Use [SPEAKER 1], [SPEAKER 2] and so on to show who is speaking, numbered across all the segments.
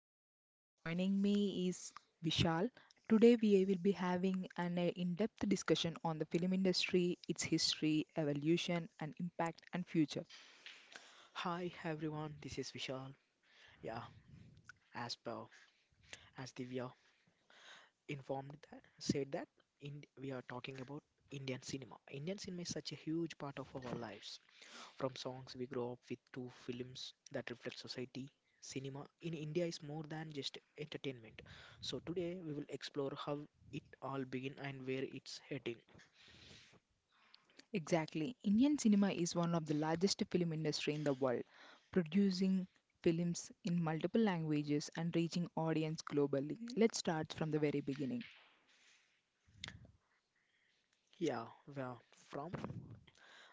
[SPEAKER 1] Divya and joining me is Vishal. Today we will be having an in-depth discussion on the film industry, its history, evolution and impact and future.
[SPEAKER 2] Hi everyone, this is Vishal. Yeah, as per as Divya informed that said that in we are talking about Indian cinema. Indian cinema is such a huge part of our lives. From songs we grow up with to films that reflect society. Cinema in India is more than just entertainment. So today we will explore how it all began and where it's heading.
[SPEAKER 1] Exactly. Indian cinema is one of the largest film industry in the world, producing films in multiple languages and reaching audience globally. Let's start from the very beginning.
[SPEAKER 2] Yeah, where from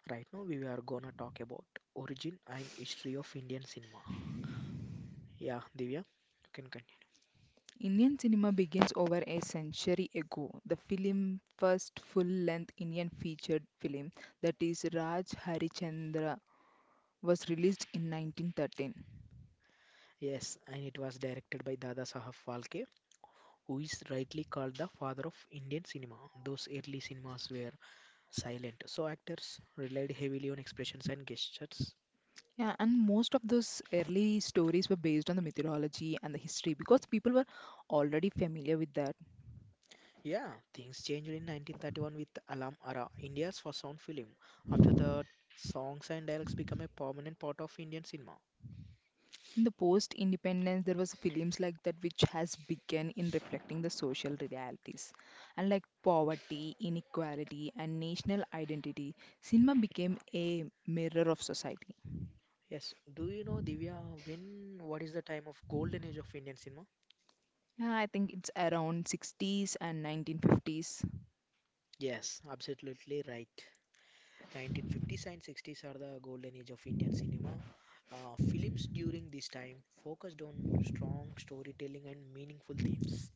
[SPEAKER 2] right now we are gonna talk about origin and history of Indian cinema. Yeah, Divya, you can continue.
[SPEAKER 1] Indian cinema begins over a century ago. The film first full-length Indian featured film, that is Raj Harichandra, was released in 1913.
[SPEAKER 2] Yes, and it was directed by Dada Saheb Phalke, who is rightly called the father of Indian cinema. Those early cinemas were silent, so actors relied heavily on expressions and gestures.
[SPEAKER 1] Yeah, and most of those early stories were based on the mythology and the history because people were already familiar with that.
[SPEAKER 2] Yeah, things changed in 1931 with Alam Ara, India's first sound film. After that, songs and dialogues became a permanent part of Indian cinema.
[SPEAKER 1] In the post-independence, there was films like that which has begun in reflecting the social realities, and like poverty, inequality, and national identity. Cinema became a mirror of society.
[SPEAKER 2] Yes, do you know, Divya, when what is the time of golden age of Indian cinema?
[SPEAKER 1] Yeah, I think it's around sixties and 1950s.
[SPEAKER 2] Yes, absolutely right. 1950s and 60s are the golden age of Indian cinema. Films during this time focused on strong storytelling and meaningful themes.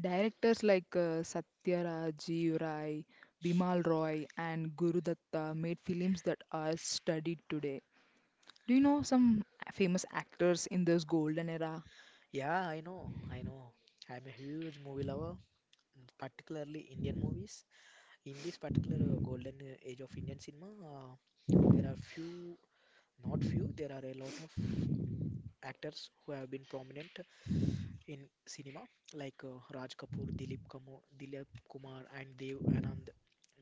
[SPEAKER 1] Directors like Satyarajiv Rai, Bimal Roy, and Guru Datta made films that are studied today. Do you know some famous actors in this golden era?
[SPEAKER 2] Yeah, I know. I'm a huge movie lover, particularly Indian movies. In this particular golden age of Indian cinema, there are few, not few, there are a lot of actors who have been prominent in cinema, like Raj Kapoor, Dilip Kumar, and Dev Anand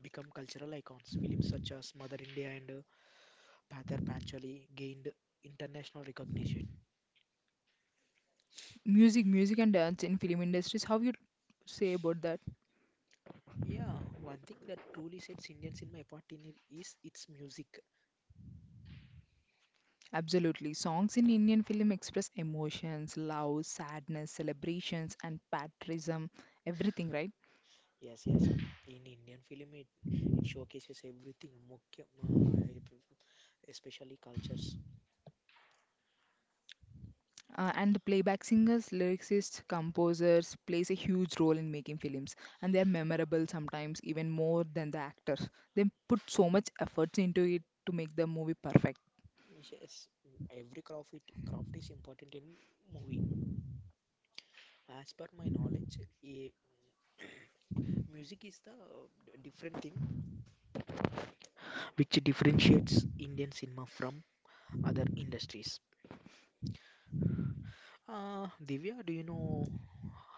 [SPEAKER 2] become cultural icons. Films such as Mother India and Pather Panchali gained international recognition.
[SPEAKER 1] Music music and dance in film industries, how you say about that?
[SPEAKER 2] Yeah, one thing that truly sets Indian cinema apart in it is its music.
[SPEAKER 1] Absolutely, songs in Indian film express emotions, love, sadness, celebrations, and patriotism, everything, right?
[SPEAKER 2] Yes. In Indian film, it showcases everything, mukhya, especially cultures.
[SPEAKER 1] And the playback singers, lyricists, composers plays a huge role in making films, and they are memorable sometimes even more than the actors. They put so much effort into it to make the movie perfect.
[SPEAKER 2] Yes, every craft is important in movie. As per my knowledge, a music is the different thing which differentiates Indian cinema from other industries. Divya, do you know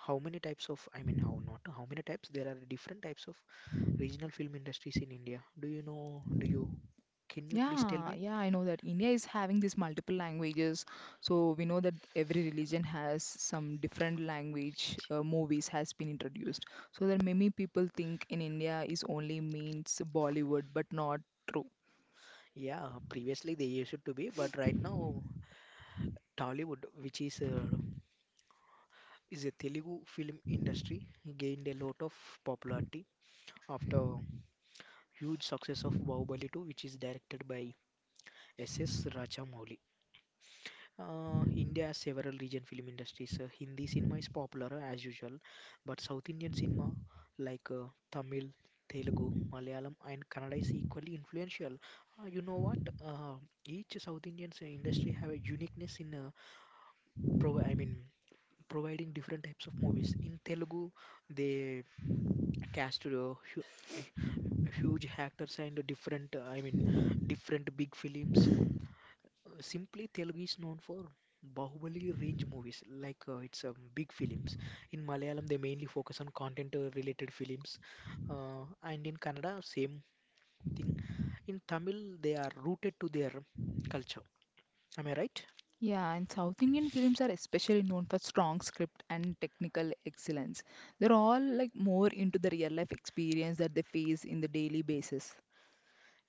[SPEAKER 2] how many types of, I mean, how not, how many types? There are different types of regional film industries in India. Do you know, can you please tell
[SPEAKER 1] Yeah,
[SPEAKER 2] me?
[SPEAKER 1] yeah, I know that India is having these multiple languages. So we know that every religion has some different language movies has been introduced. So that many people think in India is only means Bollywood, but not true.
[SPEAKER 2] Yeah, previously they used to be, but right now Tollywood, which is a Telugu film industry, gained a lot of popularity after huge success of Bahubali 2, which is directed by S S.S. Rajamouli. India has several region film industries. Hindi cinema is popular as usual, but South Indian cinema like Tamil, Telugu, Malayalam, and Kannada is equally influential. You know what? Uh, each South Indian industry have a uniqueness in pro I mean providing different types of movies. In Telugu, they cast hu- eh, huge actors and different different big films. Simply Telugu is known for Bahubali range movies, like it's big films. In Malayalam, they mainly focus on content related films, uh, and in Kannada, same thing. In Tamil, they are rooted to their culture. Am I right?
[SPEAKER 1] Yeah, and South Indian films are especially known for strong script and technical excellence. They're all like more into the real life experience that they face in the daily basis.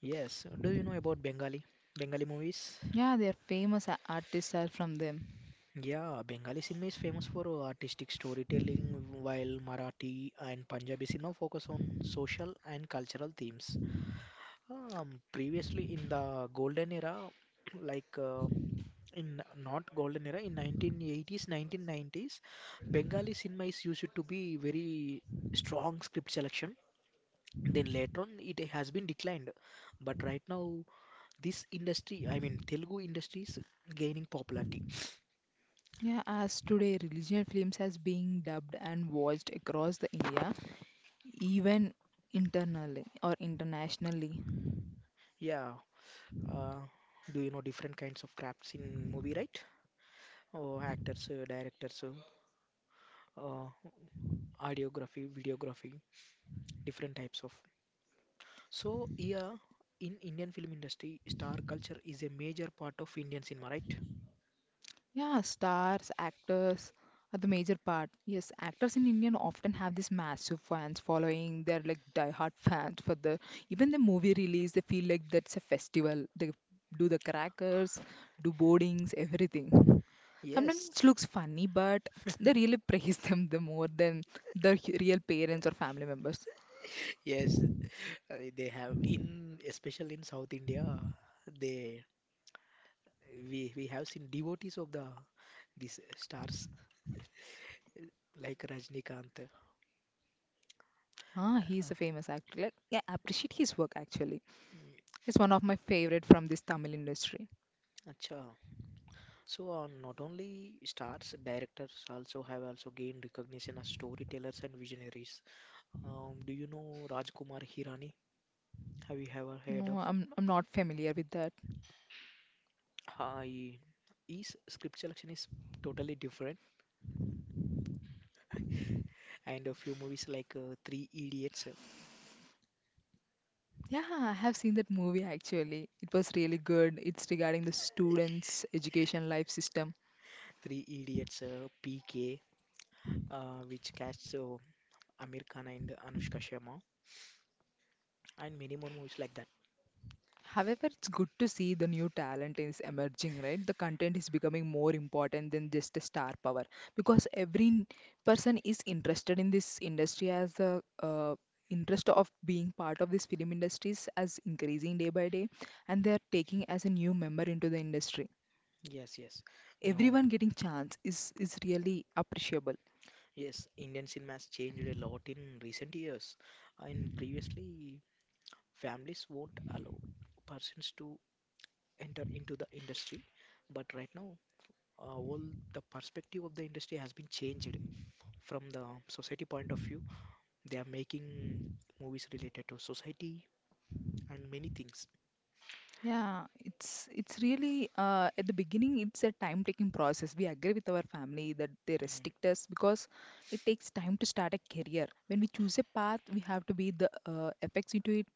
[SPEAKER 2] Yes. Do you know about Bengali? Bengali movies?
[SPEAKER 1] Yeah, their famous artists are from them.
[SPEAKER 2] Yeah, Bengali cinema is famous for artistic storytelling, while Marathi and Punjabi cinema focus on social and cultural themes. Previously in the golden era, like in not golden era, in 1980s, 1990s, Bengali cinema is used to be very strong script selection. Then later on, it has been declined. But right now, this industry, I mean, Telugu industry is gaining popularity.
[SPEAKER 1] Yeah, as today religion films has being dubbed and watched across the India, even internally or internationally.
[SPEAKER 2] Yeah. Uh, do you know different kinds of crafts in movie, right? Oh, actors, directors, uh, audiography, videography, different types of. So, yeah, in Indian film industry, star culture is a major part of Indian cinema, right?
[SPEAKER 1] Yeah, stars, actors are the major part. Yes, actors in India often have this massive fans following. They're like diehard fans for the even the movie release. They feel like that's a festival. They do the crackers, do boardings, everything.
[SPEAKER 2] Yes,
[SPEAKER 1] Sometimes it looks funny, but they really praise them the more than their real parents or family members.
[SPEAKER 2] yes, they have in especially in South India, they we have seen devotees of the these stars like Rajnikant.
[SPEAKER 1] Ah, he's
[SPEAKER 2] Ah,
[SPEAKER 1] a famous actor. Like, I appreciate his work actually.
[SPEAKER 2] mm,
[SPEAKER 1] He's one of my favorite from this Tamil industry.
[SPEAKER 2] acha. So not only stars, directors also have also gained recognition as storytellers and visionaries. Do you know Rajkumar Hirani? Have you ever heard of?
[SPEAKER 1] No, I'm not familiar with that.
[SPEAKER 2] I is script selection is totally different, and a few movies like
[SPEAKER 1] Yeah, I have seen that movie actually. It was really good. It's regarding the students' education life system.
[SPEAKER 2] Three Idiots, PK, which casts Amir Khan and Anushka Sharma, and many more movies like that.
[SPEAKER 1] However, it's good to see the new talent is emerging, right? The content is becoming more important than just a star power because every person is interested in this industry as the interest of being part of this film industries as increasing day by day, and they are taking as a new member into the industry.
[SPEAKER 2] Yes, yes. No,
[SPEAKER 1] Everyone getting chance is really appreciable.
[SPEAKER 2] yes. Indian cinema has changed a lot in recent years, and previously families won't allow persons to enter into the industry, but right now all the perspective of the industry has been changed from the society point of view. They are making movies related to society and many things.
[SPEAKER 1] Yeah, it's really at the beginning it's a time taking process. We agree with our family that they
[SPEAKER 2] Mm,
[SPEAKER 1] restrict us because it takes time to start a career. When we choose a path, we have to be the effects into it,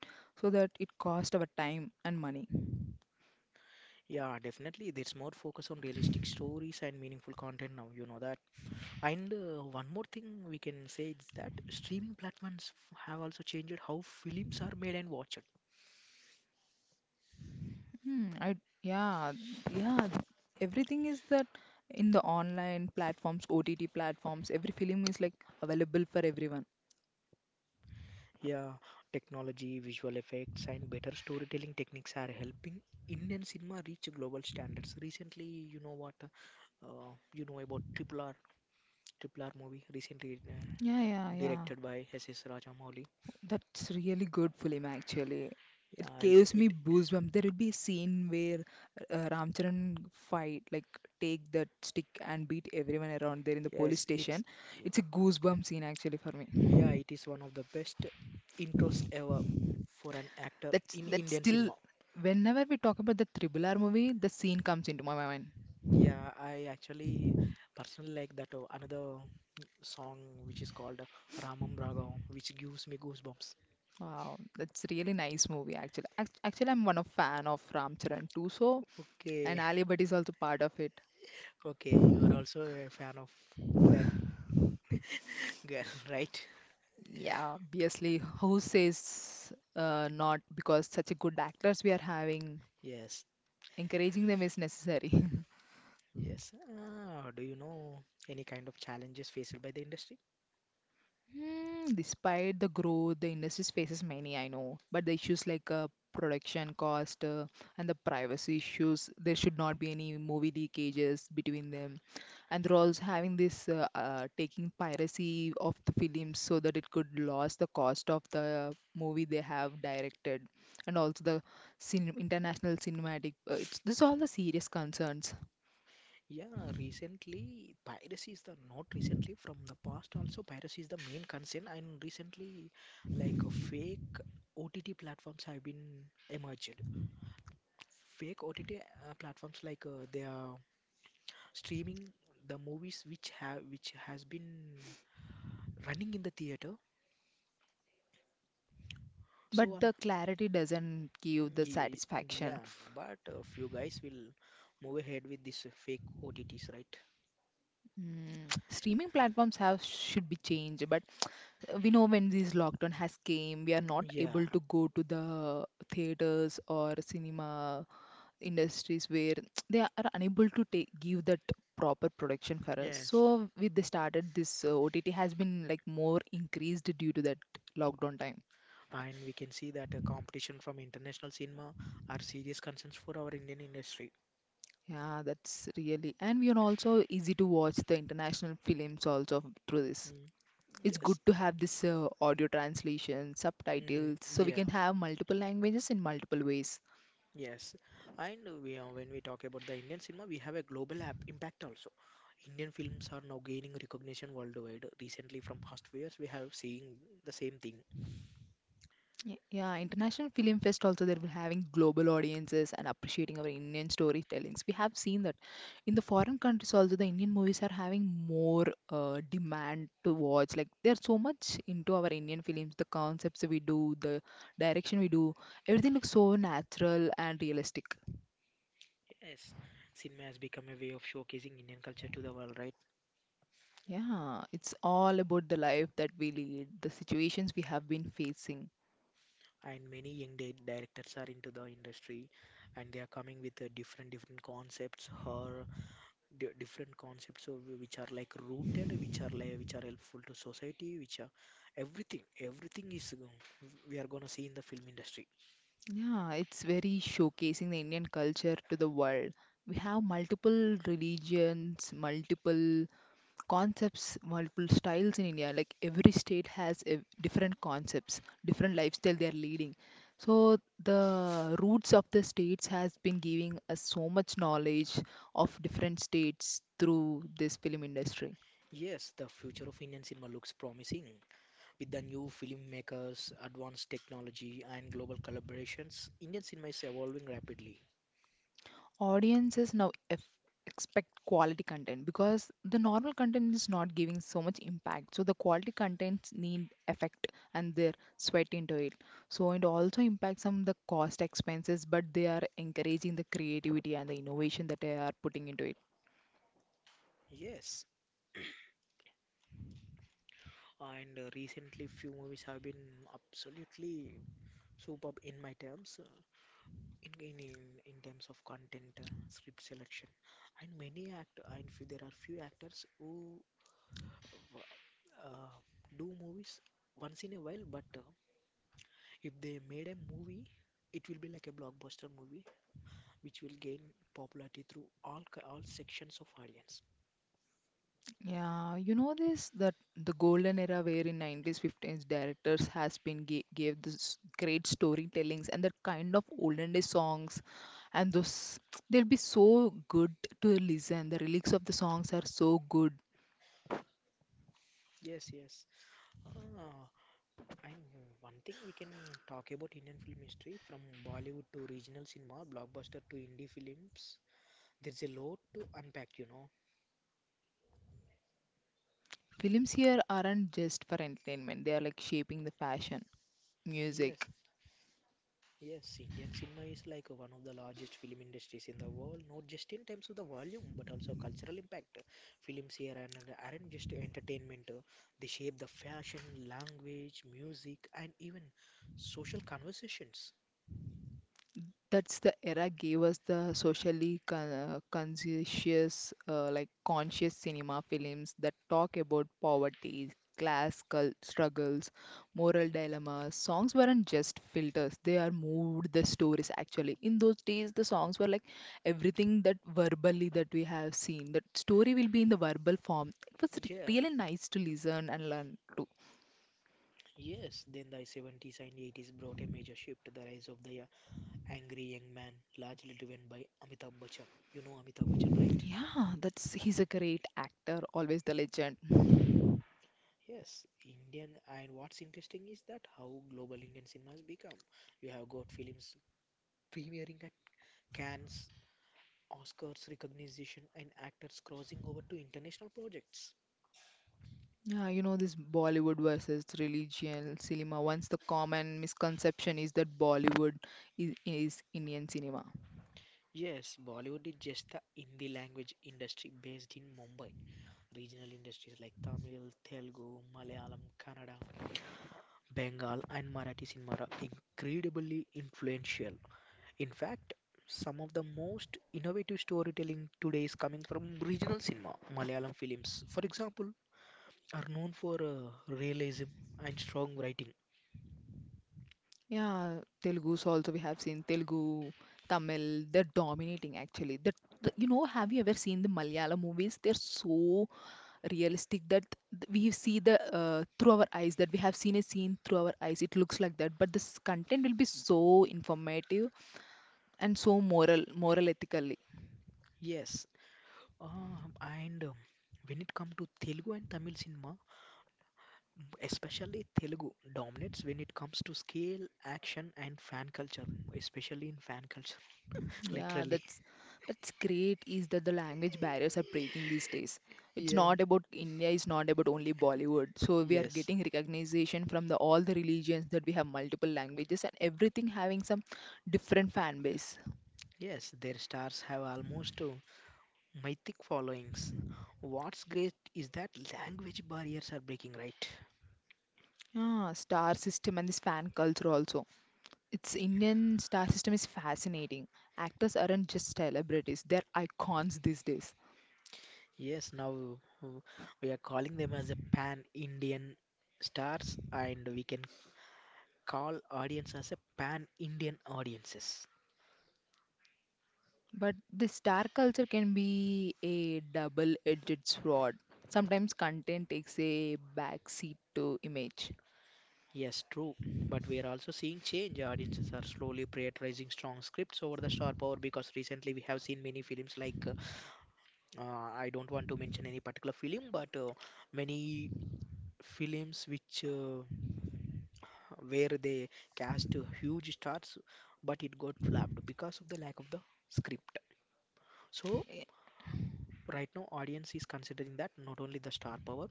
[SPEAKER 1] so that it cost our time and money.
[SPEAKER 2] Yeah, definitely. There's more focus on realistic stories and meaningful content now, you know that. And one more thing we can say is that streaming platforms have also changed how films are made and watched.
[SPEAKER 1] Hmm, I yeah yeah everything is that in the online platforms, OTT platforms, every film is like available for everyone.
[SPEAKER 2] Yeah, technology, visual effects, and better storytelling techniques are helping Indian cinema reach global standards. Recently, you know what? You know about Triple R, Triple R movie, recently
[SPEAKER 1] Yeah.
[SPEAKER 2] directed by S.S. Rajamouli.
[SPEAKER 1] That's really good film, actually. It
[SPEAKER 2] Yeah, it,
[SPEAKER 1] gives
[SPEAKER 2] it,
[SPEAKER 1] me goosebumps. There will be a scene where Ramcharan fight, like take that stick and beat everyone around there in the police
[SPEAKER 2] yes, it's,
[SPEAKER 1] station.
[SPEAKER 2] ye-
[SPEAKER 1] It's a goosebump scene actually for me.
[SPEAKER 2] yeah, it is one of the best intros ever for an actor
[SPEAKER 1] That's
[SPEAKER 2] in
[SPEAKER 1] that's
[SPEAKER 2] Indian
[SPEAKER 1] still
[SPEAKER 2] cinema.
[SPEAKER 1] whenever we talk about the Triple R movie, the scene comes into my mind.
[SPEAKER 2] Yeah, I actually personally like that another song which is called Ramam Raghavam, which gives me goosebumps.
[SPEAKER 1] Wow, that's really nice movie actually. Actually, I'm one of fan of Ramcharan too, so, and
[SPEAKER 2] Okay,
[SPEAKER 1] Ali Bhatt is also part of it.
[SPEAKER 2] okay, you are also a fan of that girl, right?
[SPEAKER 1] Yeah, obviously, who says not, because such a good actors we are having,
[SPEAKER 2] Yes,
[SPEAKER 1] encouraging them is necessary.
[SPEAKER 2] yes. Ah, do you know any kind of challenges faced by the industry?
[SPEAKER 1] Hmm, despite the growth, the industry faces many, I know, but the issues like production cost and the privacy issues. There should not be any movie leakages between them. And they're also having this taking piracy of the films, so that it could lose the cost of the movie they have directed, and also the cin international cinematic. It's this all the serious concerns,
[SPEAKER 2] Yeah, recently piracy is the not recently, from the past also piracy is the main concern, and recently like fake OTT platforms have been emerged. Fake OTT platforms like they are streaming the movies which has been running in the theater.
[SPEAKER 1] but
[SPEAKER 2] So
[SPEAKER 1] the clarity doesn't give the
[SPEAKER 2] Ye-
[SPEAKER 1] satisfaction.
[SPEAKER 2] yeah, but a few guys will move ahead with this fake OTTs, right?
[SPEAKER 1] Mm, streaming platforms have should be changed, but we know when this lockdown has came we are not
[SPEAKER 2] Yeah,
[SPEAKER 1] able to go to the theaters or cinema industries, where they are unable to take give that proper production for us,
[SPEAKER 2] yes.
[SPEAKER 1] so with they started this OTT has been like more increased due to that lockdown time.
[SPEAKER 2] And we can see that competition from international cinema are serious concerns for our Indian industry.
[SPEAKER 1] Yeah, that's really, and we are also easy to watch the international films also through this.
[SPEAKER 2] Mm,
[SPEAKER 1] It's good
[SPEAKER 2] Yes,
[SPEAKER 1] to have this audio translation,
[SPEAKER 2] Mm,
[SPEAKER 1] subtitles, so we
[SPEAKER 2] yeah.
[SPEAKER 1] can have multiple languages in multiple ways.
[SPEAKER 2] Yes, and we, when we talk about the Indian cinema, we have a impact also. Indian films are now gaining recognition worldwide. Recently, from past few years, we have seen the same thing.
[SPEAKER 1] Yeah, International Film Fest also that we're having global audiences and appreciating our Indian storytellings. We have seen that in the foreign countries also the Indian movies are having more demand to watch. Like they're so much into our Indian films, the concepts we do, the direction we do, everything looks so natural and realistic.
[SPEAKER 2] Yes, cinema has become a way of showcasing Indian culture to the world, right?
[SPEAKER 1] Yeah, it's all about the life that we lead, the situations we have been facing.
[SPEAKER 2] And many young directors are into the industry, and they are coming with different concepts, horror, d different concepts of which are like rooted, which are like which are helpful to society, which are everything. Everything is we are gonna see in the film industry.
[SPEAKER 1] Yeah, it's very showcasing the Indian culture to the world. We have multiple religions, multiple concepts, multiple styles in India. Like every state has a different concepts, different lifestyle they are leading. So the roots of the states has been giving us so much knowledge of different states through this film industry.
[SPEAKER 2] Yes, the future of Indian cinema looks promising. With the new filmmakers, advanced technology, and global collaborations, Indian cinema is evolving rapidly.
[SPEAKER 1] Audiences now expect quality content, because the normal content is not giving so much impact, so the quality contents need effect and their sweat into it. So it also impacts on the cost expenses, but they are encouraging the creativity and the innovation that they are putting into it.
[SPEAKER 2] Yes, and recently few movies have been absolutely superb in my terms, in in in, in terms of content, script selection, and there are few actors who uh, do movies once in a while, but if they made a movie it will be like a blockbuster movie which will gain popularity through all sections of audience.
[SPEAKER 1] Yeah, you know this that the golden era wherein nineties, fifties directors has been gave this great storytellings and that kind of olden day songs, and those they'll be so good to listen. The lyrics of the songs are so good.
[SPEAKER 2] yes yes Ah, and one thing we can talk about Indian film history, from Bollywood to regional cinema, blockbuster to indie films. There's a lot to unpack, you know.
[SPEAKER 1] Films here aren't just for entertainment; they are like shaping the fashion, music,
[SPEAKER 2] Yes, Yes, Indian cinema is like one of the largest film industries in the world, not just in terms of the volume, but also cultural impact. Films here and aren't just entertainment, they shape the fashion, language, music, and even social conversations.
[SPEAKER 1] that's the era gave us the socially conscious like conscious cinema films that talk about poverty, class struggles, moral dilemmas. Songs weren't just filters, they are moved the stories actually. In those days the songs were like everything, that verbally that we have seen that story will be in the verbal form. It was
[SPEAKER 2] Yeah.
[SPEAKER 1] really nice to listen and learn too.
[SPEAKER 2] Yes, then the 70s and 80s brought a major shift, the rise of the angry young man, largely driven by Amitabh Bachchan. You know Amitabh Bachchan, right?
[SPEAKER 1] Yeah, that's, he's a great actor, always the legend.
[SPEAKER 2] Yes, Indian, and what's interesting is that how global Indian cinema has become. You have got films premiering at Cannes, Oscars recognition, and actors crossing over to international projects.
[SPEAKER 1] Yeah, you know, this Bollywood versus religion cinema. Once the
[SPEAKER 2] Mm.
[SPEAKER 1] common misconception is that Bollywood is Indian cinema.
[SPEAKER 2] Yes, Bollywood is just the Hindi language industry based in Mumbai. Regional industries like Tamil, Telugu, Malayalam, Kannada, Bengal, and Marathi cinema are incredibly influential. In fact, some of the most innovative storytelling today is coming from regional cinema. Malayalam films, for example, are known for realism and strong writing.
[SPEAKER 1] Yeah, Telugu's also, we have seen Telugu, Tamil, they're dominating actually. You know, have you ever seen the Malayalam movies? They're so realistic that we see the through our eyes, that we have seen a scene through our eyes. It looks like that, but this content will be so informative and so moral, ethical.
[SPEAKER 2] Yes, and when it comes to Telugu and Tamil cinema, especially Telugu dominates when it comes to scale, action, and fan culture, especially in fan culture,
[SPEAKER 1] Yeah,
[SPEAKER 2] literally.
[SPEAKER 1] that's great is that the language barriers are breaking these days. It's
[SPEAKER 2] Yeah,
[SPEAKER 1] not about India, it's not about only Bollywood. So we are
[SPEAKER 2] yes,
[SPEAKER 1] getting recognition from the all the religions that we have multiple languages and everything having some different fan base.
[SPEAKER 2] yes, their stars have almost mythic followings. What's great is that language barriers are breaking, right?
[SPEAKER 1] Yeah, star system and this fan culture also. It's Indian star system is fascinating. Actors aren't just celebrities, they're icons these days.
[SPEAKER 2] Yes, now uh, we are calling them as a pan Indian stars, and we can call audience as a pan Indian audiences.
[SPEAKER 1] But this dark culture can be a double-edged sword. Sometimes content takes a backseat to image.
[SPEAKER 2] Yes, true. But we are also seeing change. Audiences are slowly prioritizing strong scripts over the star power, because recently we have seen many films like I don't want to mention any particular film, but many films which where they cast huge stars, but it got flopped because of the lack of the script. So
[SPEAKER 1] Y-
[SPEAKER 2] right now, audience is considering that not only the star power,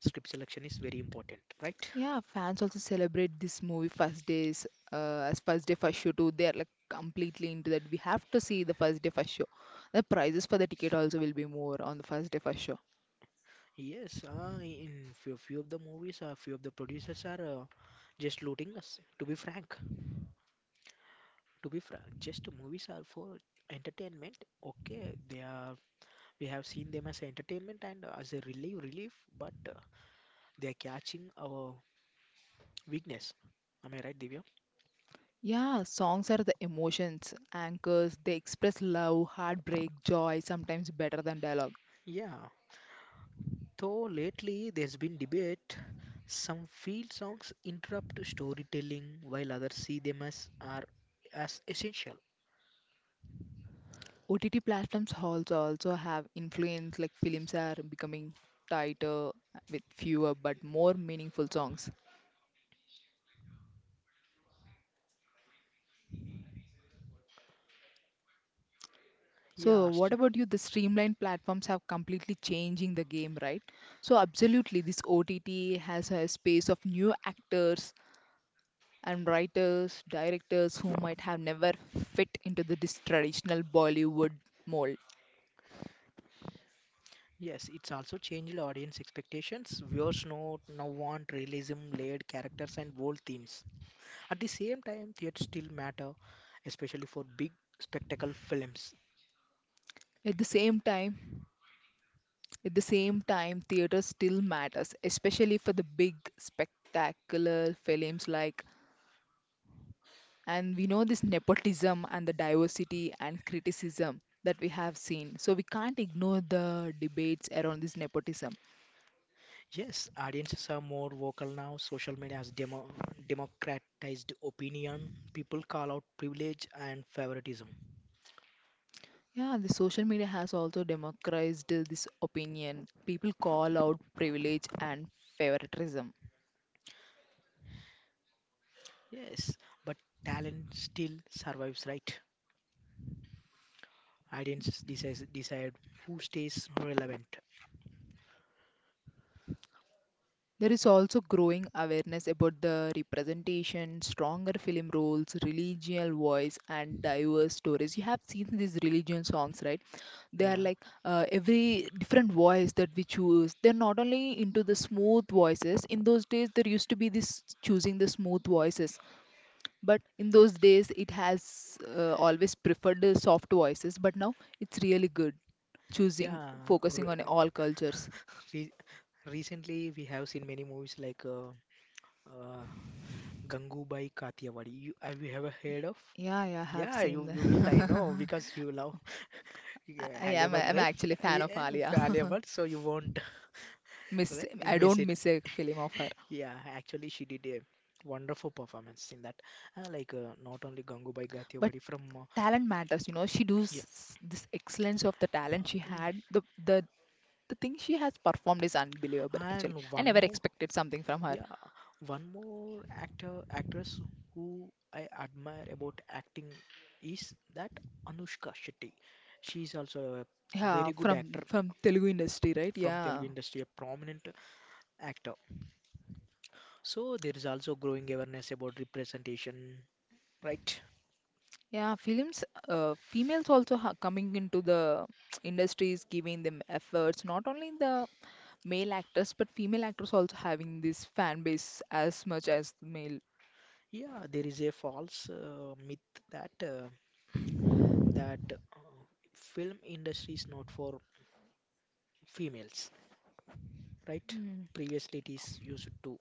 [SPEAKER 2] script selection is very important, right?
[SPEAKER 1] Yeah, fans also celebrate this movie first days as first day first show too. They're like completely into that. We have to see the first day first show. The prices for the ticket also will be more on the first day first show.
[SPEAKER 2] Yes, in few of the movies, a few of the producers are just looting us. To be frank, just movies are for entertainment. Okay, they are. We have seen them as entertainment and as a relief, but they are catching our weakness. Am I right, Divya?
[SPEAKER 1] Yeah, songs are the emotions, anchors. They express love, heartbreak, joy, sometimes better than dialogue.
[SPEAKER 2] Yeah. Though lately there's been debate, some field songs interrupt storytelling while others see them as essential.
[SPEAKER 1] OTT platforms also have influence, like films are becoming tighter with fewer but more meaningful songs.
[SPEAKER 2] Yeah.
[SPEAKER 1] So what about you? The streamlined platforms have completely changing the game, right? So absolutely, this OTT has a space of new actors and writers, directors who might have never fit into the traditional Bollywood mold.
[SPEAKER 2] Yes, it's also changed audience expectations. Viewers now want realism, layered characters, and bold themes. At the same time, theater still matter, especially for big spectacle films.
[SPEAKER 1] At the same time, At the same time, theatre still matters, especially for the big, spectacular films like, and we know this nepotism and the diversity and criticism that we have seen. So we can't ignore the debates around this nepotism.
[SPEAKER 2] Yes, audiences are more vocal now. Social media has democratized opinion. People call out privilege and favoritism.
[SPEAKER 1] Yeah, the social media has also democratized this opinion. People call out privilege and favoritism.
[SPEAKER 2] Yes, but talent still survives, right? Audiences decide who stays relevant.
[SPEAKER 1] There is also growing awareness about the representation, stronger film roles, religious voice, and diverse stories. You have seen these religion songs, right? They are
[SPEAKER 2] Yeah,
[SPEAKER 1] like every different voice that we choose. They're not only into the smooth voices. In those days, there used to be this choosing the smooth voices, but in those days, it has always preferred the soft voices. But now it's really good choosing
[SPEAKER 2] yeah. Re
[SPEAKER 1] focusing on all cultures.
[SPEAKER 2] re recently, we have seen many movies like uh, Gangubai Kathiawadi. Have you ever heard of?
[SPEAKER 1] Yeah, yeah, I have
[SPEAKER 2] Yeah,
[SPEAKER 1] seen
[SPEAKER 2] you will, I know,
[SPEAKER 1] that.
[SPEAKER 2] because you love,
[SPEAKER 1] I
[SPEAKER 2] yeah,
[SPEAKER 1] I
[SPEAKER 2] Halle,
[SPEAKER 1] am I'm
[SPEAKER 2] right?
[SPEAKER 1] actually a fan of
[SPEAKER 2] Yeah,
[SPEAKER 1] Alia.
[SPEAKER 2] Halle, so you won't,
[SPEAKER 1] miss
[SPEAKER 2] right? You
[SPEAKER 1] I
[SPEAKER 2] miss
[SPEAKER 1] don't
[SPEAKER 2] it.
[SPEAKER 1] miss a film of her.
[SPEAKER 2] Yeah, actually, she did a wonderful performance in that. Like not only Gangubai
[SPEAKER 1] But
[SPEAKER 2] Kathiawadi from
[SPEAKER 1] talent matters, you know. She
[SPEAKER 2] yeah.
[SPEAKER 1] does this excellence of the talent she
[SPEAKER 2] uh,
[SPEAKER 1] had. The the thing she has performed is unbelievable actually.
[SPEAKER 2] And
[SPEAKER 1] I
[SPEAKER 2] one
[SPEAKER 1] never
[SPEAKER 2] more,
[SPEAKER 1] expected something from her.
[SPEAKER 2] yeah, one more actor actress who I admire about acting is that Anushka Shetty. She is also a
[SPEAKER 1] Yeah,
[SPEAKER 2] very good
[SPEAKER 1] from
[SPEAKER 2] actor
[SPEAKER 1] Telugu industry, right?
[SPEAKER 2] from Telugu
[SPEAKER 1] Yeah.
[SPEAKER 2] industry, a prominent actor. So there is also growing awareness about representation, right?
[SPEAKER 1] Yeah, films, females also ha coming into the industries, giving them efforts. Not only the male actors, but female actors also having this fan base as much as the male.
[SPEAKER 2] Yeah, there is a false myth that film industry is not for females, right? Previously, it is used to.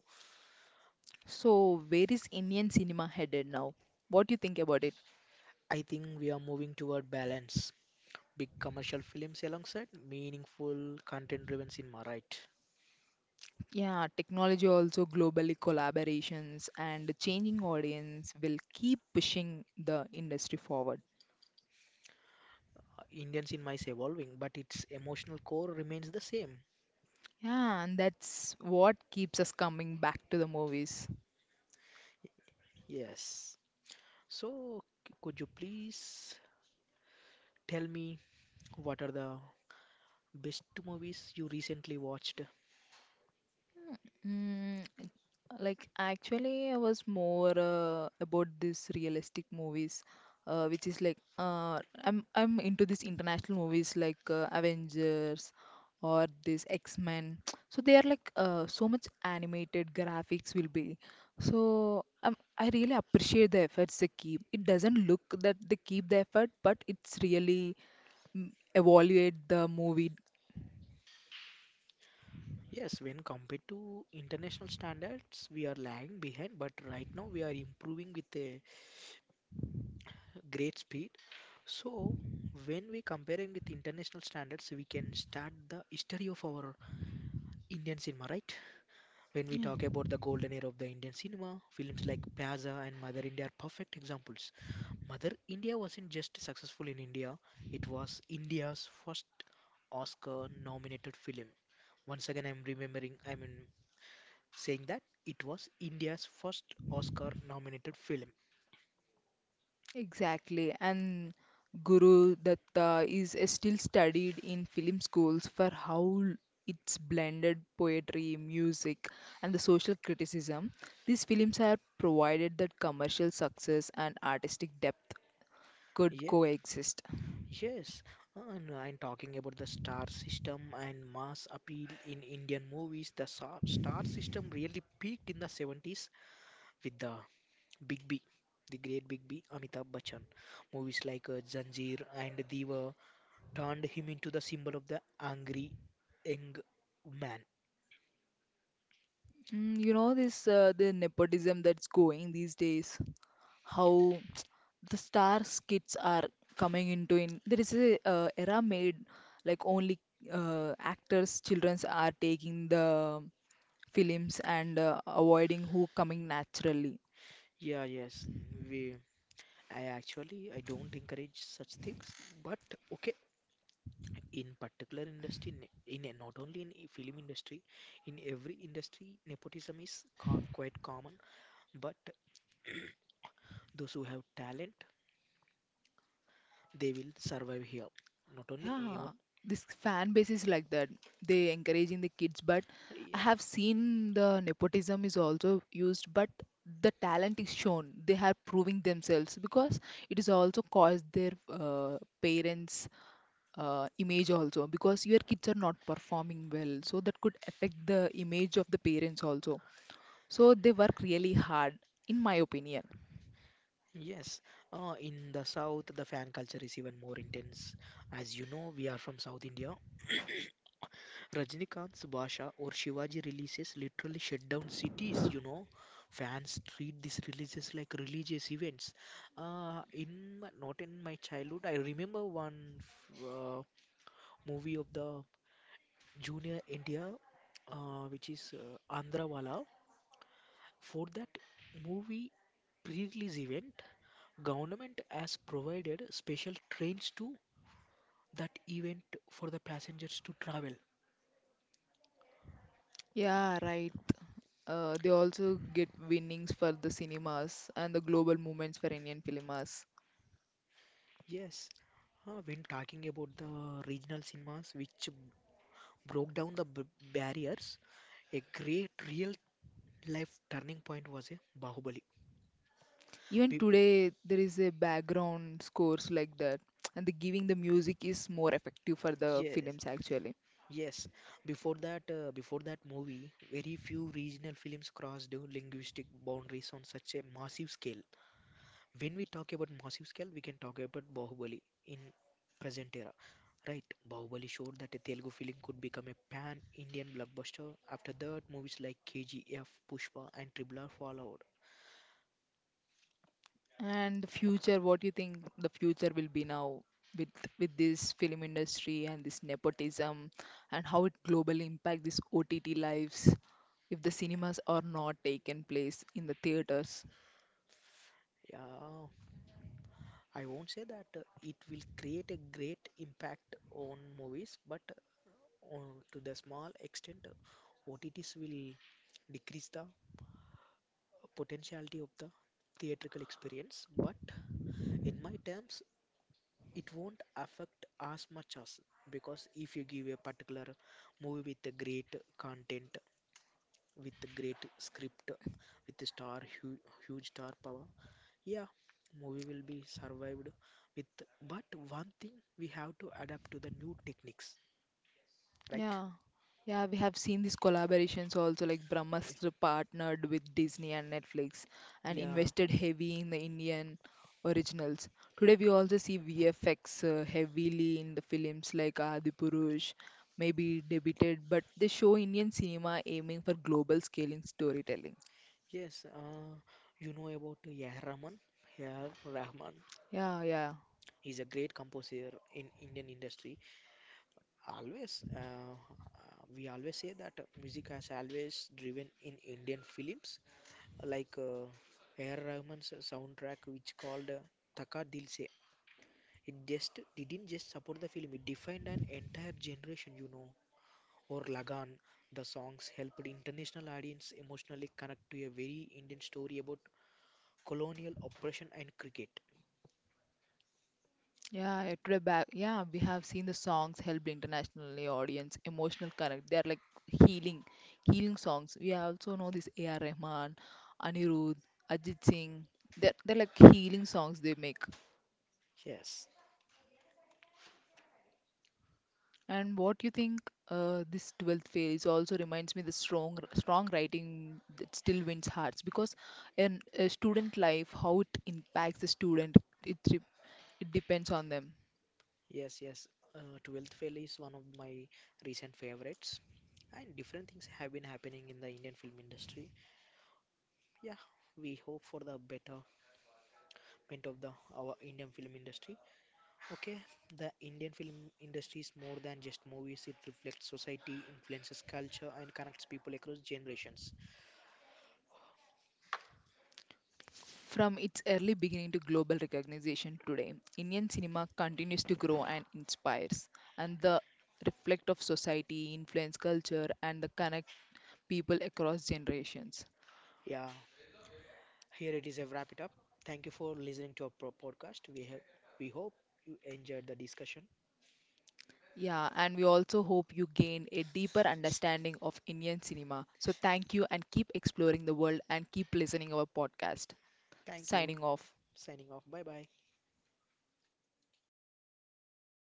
[SPEAKER 1] So, where is Indian cinema headed now? What do you think about it?
[SPEAKER 2] I think we are moving toward balance. Big commercial films alongside meaningful content driven cinema, right?
[SPEAKER 1] Yeah, technology also globally collaborations and changing audience will keep pushing the industry forward.
[SPEAKER 2] Indian cinema is evolving, but its emotional core remains the same.
[SPEAKER 1] Yeah, and that's what keeps us coming back to the movies.
[SPEAKER 2] Yes. So, could you please tell me what are the best movies you recently watched?
[SPEAKER 1] Mm, like, actually, I was more about these realistic movies, which is like I'm into these international movies like Avengers or this X-Men. So they are like so much animated graphics will be. So I really appreciate the efforts they keep. It doesn't look that they keep the effort, but it's really mm, evaluate the movie.
[SPEAKER 2] Yes, when compared to international standards, we are lagging behind, but right now we are improving with a great speed. So, when we comparing with international standards, we can start the history of our Indian cinema, right? When we talk about the golden era of the Indian cinema, films like Pyaza and Mother India are perfect examples. Mother India wasn't just successful in India, it was India's first Oscar nominated film. Once again, I'm remembering, I mean, saying that it was India's first Oscar nominated film.
[SPEAKER 1] Exactly, and Guru Datta is still studied in film schools for how it's blended poetry, music, and the social criticism. These films are provided that commercial success and artistic depth could
[SPEAKER 2] Yeah.
[SPEAKER 1] coexist.
[SPEAKER 2] Yes, and I'm talking about the star system and mass appeal in Indian movies. The star system really peaked in the 70s with the Big B, the great Big B, Amitabh Bachchan. Movies like Zanjeer and Diva turned him into the symbol of the angry young man.
[SPEAKER 1] Mm, you know this the nepotism that's going these days. How the stars kids are coming into in there is a era made like only actors childrens are taking the films and avoiding who coming naturally.
[SPEAKER 2] Yeah, yes, we. I actually I don't encourage such things, but okay, in particular industry ne- in a- not only in a film industry, in every industry nepotism is quite common, but those who have talent, they will survive here, not only
[SPEAKER 1] Yeah,
[SPEAKER 2] on,
[SPEAKER 1] this fan base is like that. They encouraging the kids, but I
[SPEAKER 2] yeah.
[SPEAKER 1] have seen the nepotism is also used, but the talent is shown. They are proving themselves because it is also caused their parents' image also because your kids are not performing well, so that could affect the image of the parents also. So they work really hard, in my opinion.
[SPEAKER 2] Yes, in the south, the fan culture is even more intense. As you know, we are from South India, Rajnikant's, Basha or Shivaji releases literally shut down cities. Fans treat these releases like religious events. Not in my childhood, I remember one movie of the Junior India, which is Andhrawala. For that movie pre-release event, government has provided special trains to that event for the passengers to travel.
[SPEAKER 1] Yeah, right. They also get winnings for the cinemas and the global movements for Indian cinemas.
[SPEAKER 2] Yes. When talking about the regional cinemas which broke down the barriers, a great real life turning point was a Bahubali.
[SPEAKER 1] Even
[SPEAKER 2] Be-
[SPEAKER 1] today, there is a background scores like that, and the giving the music is more effective for the
[SPEAKER 2] yes,
[SPEAKER 1] films actually.
[SPEAKER 2] yes. Before that movie, very few regional films crossed the linguistic boundaries on such a massive scale. When we talk about massive scale, we can talk about Bahubali in present era. Right, Bahubali showed that a Telugu film could become a pan-Indian blockbuster. After that, movies like KGF, Pushpa, and Triple R followed.
[SPEAKER 1] And the future, what do you think the future will be now with this film industry and this nepotism, and how it globally impact this OTT lives if the cinemas are not taken place in the theaters?
[SPEAKER 2] Yeah, I won't say that it will create a great impact on movies, but uh, to the small extent, OTTs will decrease the potentiality of the theatrical experience. But in my terms, it won't affect as much as, because if you give a particular movie with a great content, with a great script, with a huge star power, yeah, movie will be survived with. But one thing, we have to adapt to the new techniques, right?
[SPEAKER 1] Yeah. Yeah, we have seen these collaborations also, like
[SPEAKER 2] Yeah,
[SPEAKER 1] Brahmastra partnered with Disney and Netflix and
[SPEAKER 2] yeah.
[SPEAKER 1] invested heavy in the Indian originals. Today, we also see VFX heavily in the films like Adipurush, maybe debuted, but they show Indian cinema aiming for global scale in storytelling.
[SPEAKER 2] Yes, you know about yeah Rahman
[SPEAKER 1] Yeah, yeah.
[SPEAKER 2] is a great composer in Indian industry. Always, we always say that music has always driven in Indian films, like A.R. Rahman's soundtrack, which called Thaka Dil Se. It just didn't just support the film; it defined an entire generation. Or Lagan, the songs helped international audience emotionally connect to a very Indian story about colonial oppression and cricket.
[SPEAKER 1] Yeah, it would back. Yeah, we have seen the songs helped internationally audience emotional connect. They are like healing, healing songs. We also know this A.R. Rahman, Anirudh, Ajit Singh. They're like healing songs they make.
[SPEAKER 2] Yes,
[SPEAKER 1] And what you think? This 12th fail is also reminds me the strong, strong writing that still wins hearts because in a student life, how it impacts the student, it re- it depends on them.
[SPEAKER 2] yes, yes. Twelfth Fail is one of my recent favorites. And different things have been happening in the Indian film industry. Yeah, we hope for the betterment of the our Indian film industry. Okay, the Indian film industry is more than just movies. It reflects society, influences culture, and connects people across generations.
[SPEAKER 1] From its early beginning to global recognition today, Indian cinema continues to grow and inspires, and the reflect of society, influence culture, and the connect people across generations.
[SPEAKER 2] Yeah, here it is. I wrap it up. Thank you for listening to our podcast. We hope you enjoyed the discussion.
[SPEAKER 1] Yeah, and we also hope you gain a deeper understanding of Indian cinema. So thank you and keep exploring the world and keep listening our podcast.
[SPEAKER 2] Thank you.
[SPEAKER 1] Signing off.
[SPEAKER 2] Signing off. Bye bye.